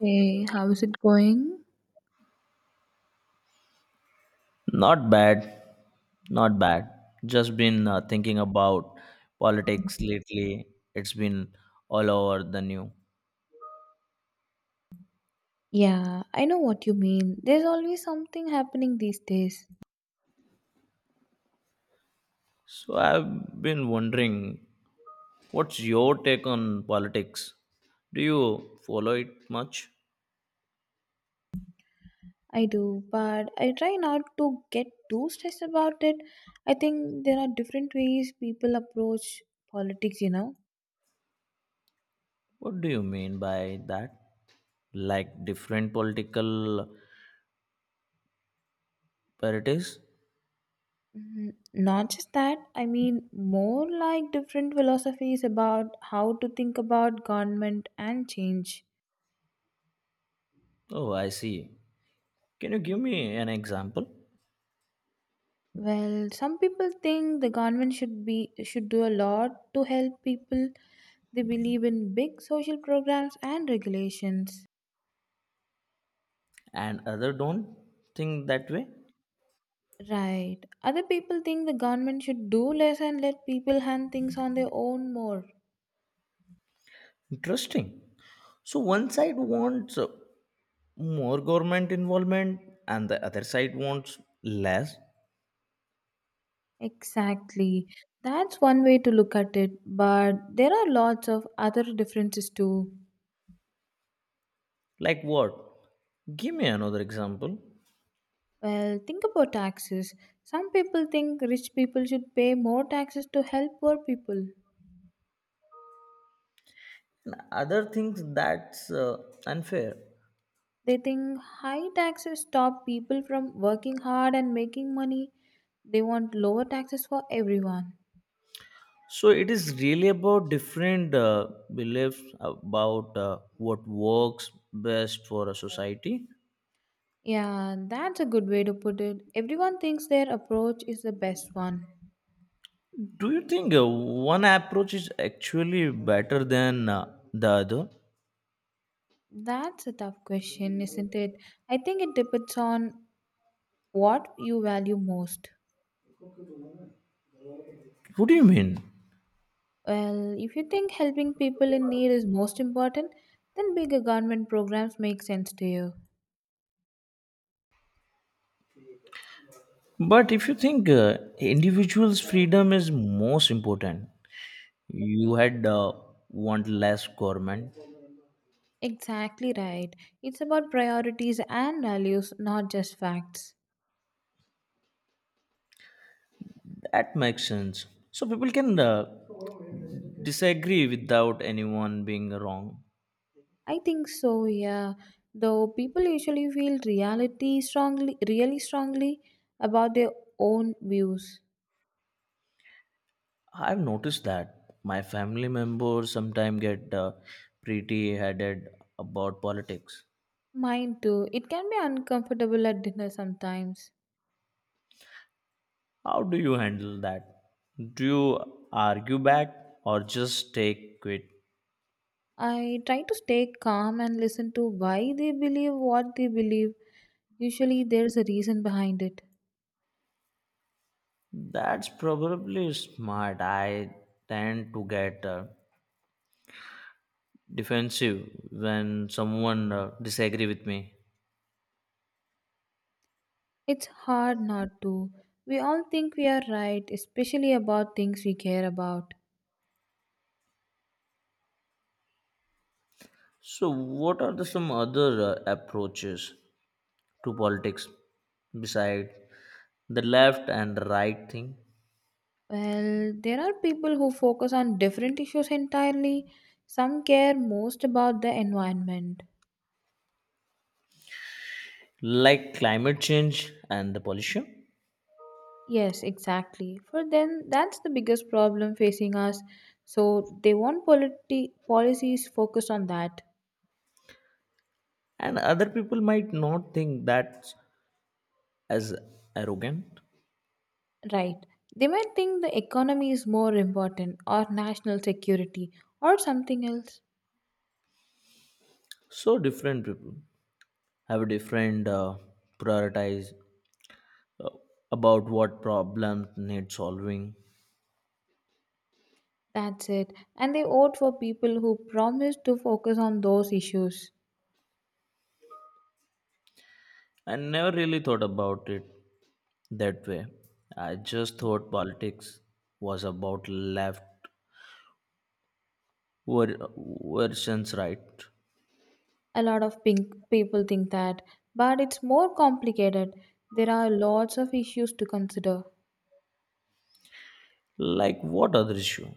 Hey, how is it going? Not bad, not bad. Just been thinking about politics lately. It's been all over the news. Yeah, I know what you mean. There's always something happening these days. So I've been wondering, what's your take on politics? Do you follow it much? I do, but I try not to get too stressed about it. I think there are different ways people approach politics, What do you mean by that? Like different political parties? Mm, not just that, I mean, more like different philosophies about how to think about government and change. Oh, I see. Can you give me an example? Well, some people think the government should do a lot to help people. They believe in big social programs and regulations. And other don't think that way? Right. Other people think the government should do less and let people hand things on their own more. Interesting. So one side wants more government involvement and the other side wants less. Exactly. That's one way to look at it, but there are lots of other differences too. Like what, give me another example. Well, think about taxes. Some people think rich people should pay more taxes to help poor people. And other things that's unfair. They think high taxes stop people from working hard and making money. They want lower taxes for everyone. So it is really about different beliefs about what works best for a society. Yeah, that's a good way to put it. Everyone thinks their approach is the best one. Do you think one approach is actually better than the other? That's a tough question, isn't it? I think it depends on what you value most. What do you mean? Well, if you think helping people in need is most important, then bigger government programs make sense to you. But if you think individuals freedom is most important. You had want less government. Exactly right. It's about priorities and values, not just facts. That makes sense. So people can disagree without anyone being wrong. I think so, yeah. Though people usually feel reality strongly, really strongly about their own views. I've noticed that my family members sometimes get pretty headed about politics. Mine too. It can be uncomfortable at dinner sometimes. How do you handle that? Do you argue back or just take quit? I try to stay calm and listen to why they believe what they believe. Usually there's a reason behind it. That's probably smart. I tend to get defensive when someone disagree with me. It's hard not to. We all think we are right, especially about things we care about. So, what are the some other approaches to politics beside the left and the right thing, Well, there are people who focus on different issues entirely. Some care most about the environment. like climate change and the pollution? Yes, exactly. For them, that's the biggest problem facing us. So they want policies focused on that. And other people might not think that's as arrogant. Right. They might think the economy is more important, or national security or something else. So, different people have a different prioritize uh, about what problems need solving. That's it. And they vote for people who promise to focus on those issues. I never really thought about it that way. I just thought politics was about left versions right. A lot of pink people think that, but it's more complicated. There are lots of issues to consider. Like what other issue.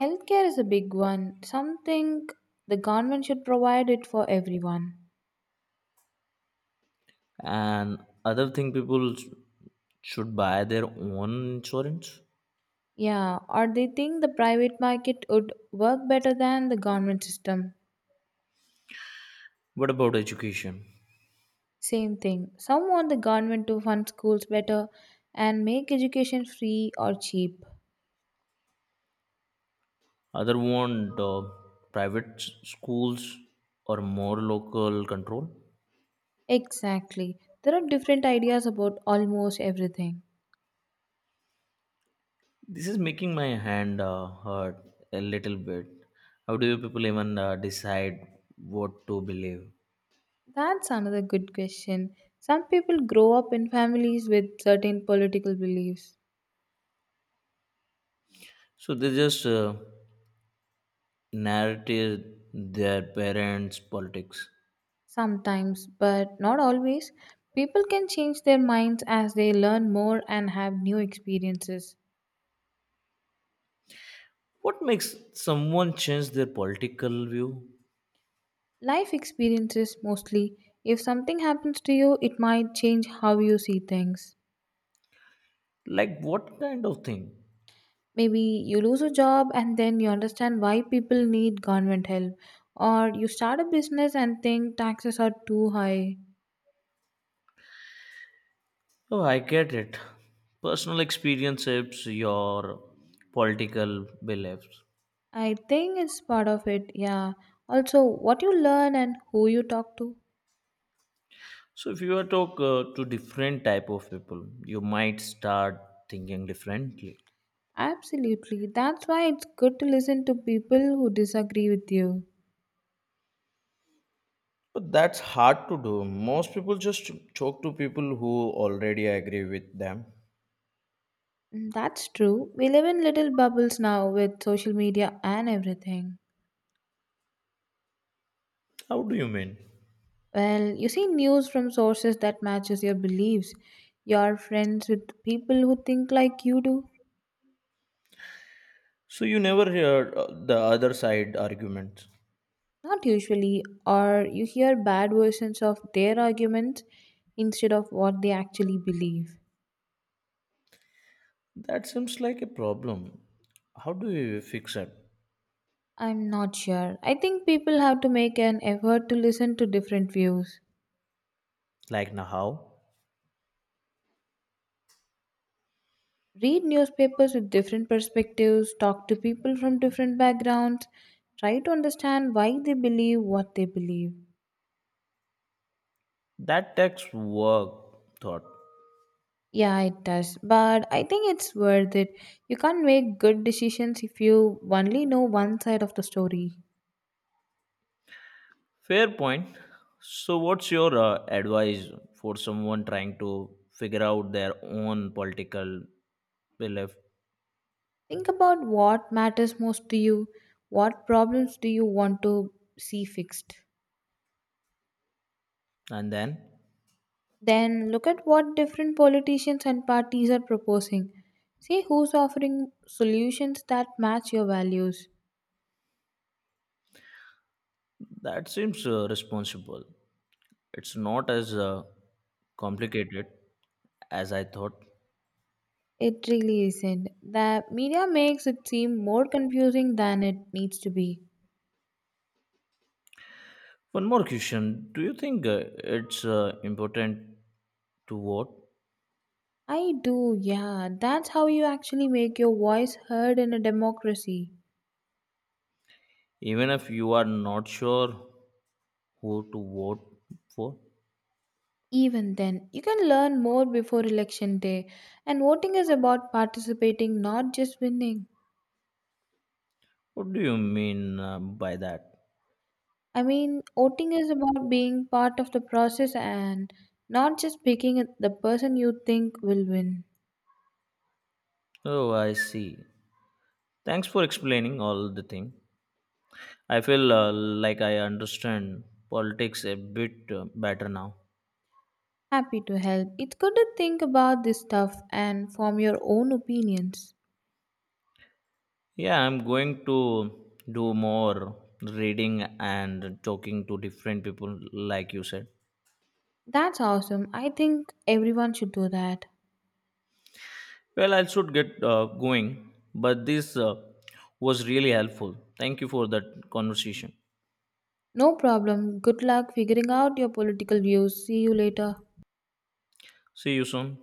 Healthcare is a big one. Something the government should provide it for everyone. And other thing people should buy their own insurance. Yeah, or they think the private market would work better than the government system. What about education? Same thing, some want the government to fund schools better and make education free or cheap. Other want private schools or more local control. Exactly, there are different ideas about almost everything. This is making my hand hurt a little bit. How do you people even decide what to believe? That's another good question. Some people grow up in families with certain political beliefs. So they just narrative their parents politics. Sometimes, but not always. People can change their minds as they learn more and have new experiences. What makes someone change their political view? Life experiences mostly. If something happens to you, it might change how you see things. Like, what kind of thing? Maybe you lose a job and then you understand why people need government help, or you start a business and think taxes are too high. Oh, I get it. Personal experience shapes your political beliefs. I think it's part of it, yeah. Also, what you learn and who you talk to. So, if you are talk to different type of people, you might start thinking differently. Absolutely. That's why it's good to listen to people who disagree with you. But that's hard to do. Most people just talk to people who already agree with them. Mm, that's true. We live in little bubbles now with social media and everything. How do you mean? Well, you see news from sources that matches your beliefs. You're friends with people who think like you do. So you never hear the other side arguments. Not usually, or you hear bad versions of their arguments instead of what they actually believe. That seems like a problem. How do we fix it? I'm not sure. I think people have to make an effort to listen to different views. Like now how? Read newspapers with different perspectives, talk to people from different backgrounds, try to understand why they believe what they believe. That takes work, thought. Yeah, it does, but I think it's worth it. You can't make good decisions if you only know one side of the story. Fair point. So what's your advice for someone trying to figure out their own political belief Think about what matters most to you, what problems do you want to see fixed. and then Then look at what different politicians and parties are proposing. See who's offering solutions that match your values. that seems responsible. It's not as complicated as I thought. It really isn't. The media makes it seem more confusing than it needs to be. One more question. Do you think it's important to vote I do, yeah. That's how you actually make your voice heard in a democracy. even if you are not sure who to vote for? Even then, you can learn more before election day, and voting is about participating, not just winning. What do you mean by that? I mean, voting is about being part of the process and not just picking the person you think will win. Oh, I see. Thanks for explaining all the thing. I feel like I understand politics a bit better now. Happy to help. It's good to think about this stuff and form your own opinions. Yeah, I'm going to do more reading and talking to different people, like you said. That's awesome. I think everyone should do that. Well, I should get going, but this was really helpful. Thank you for that conversation. No problem. Good luck figuring out your political views. See you later. See you soon.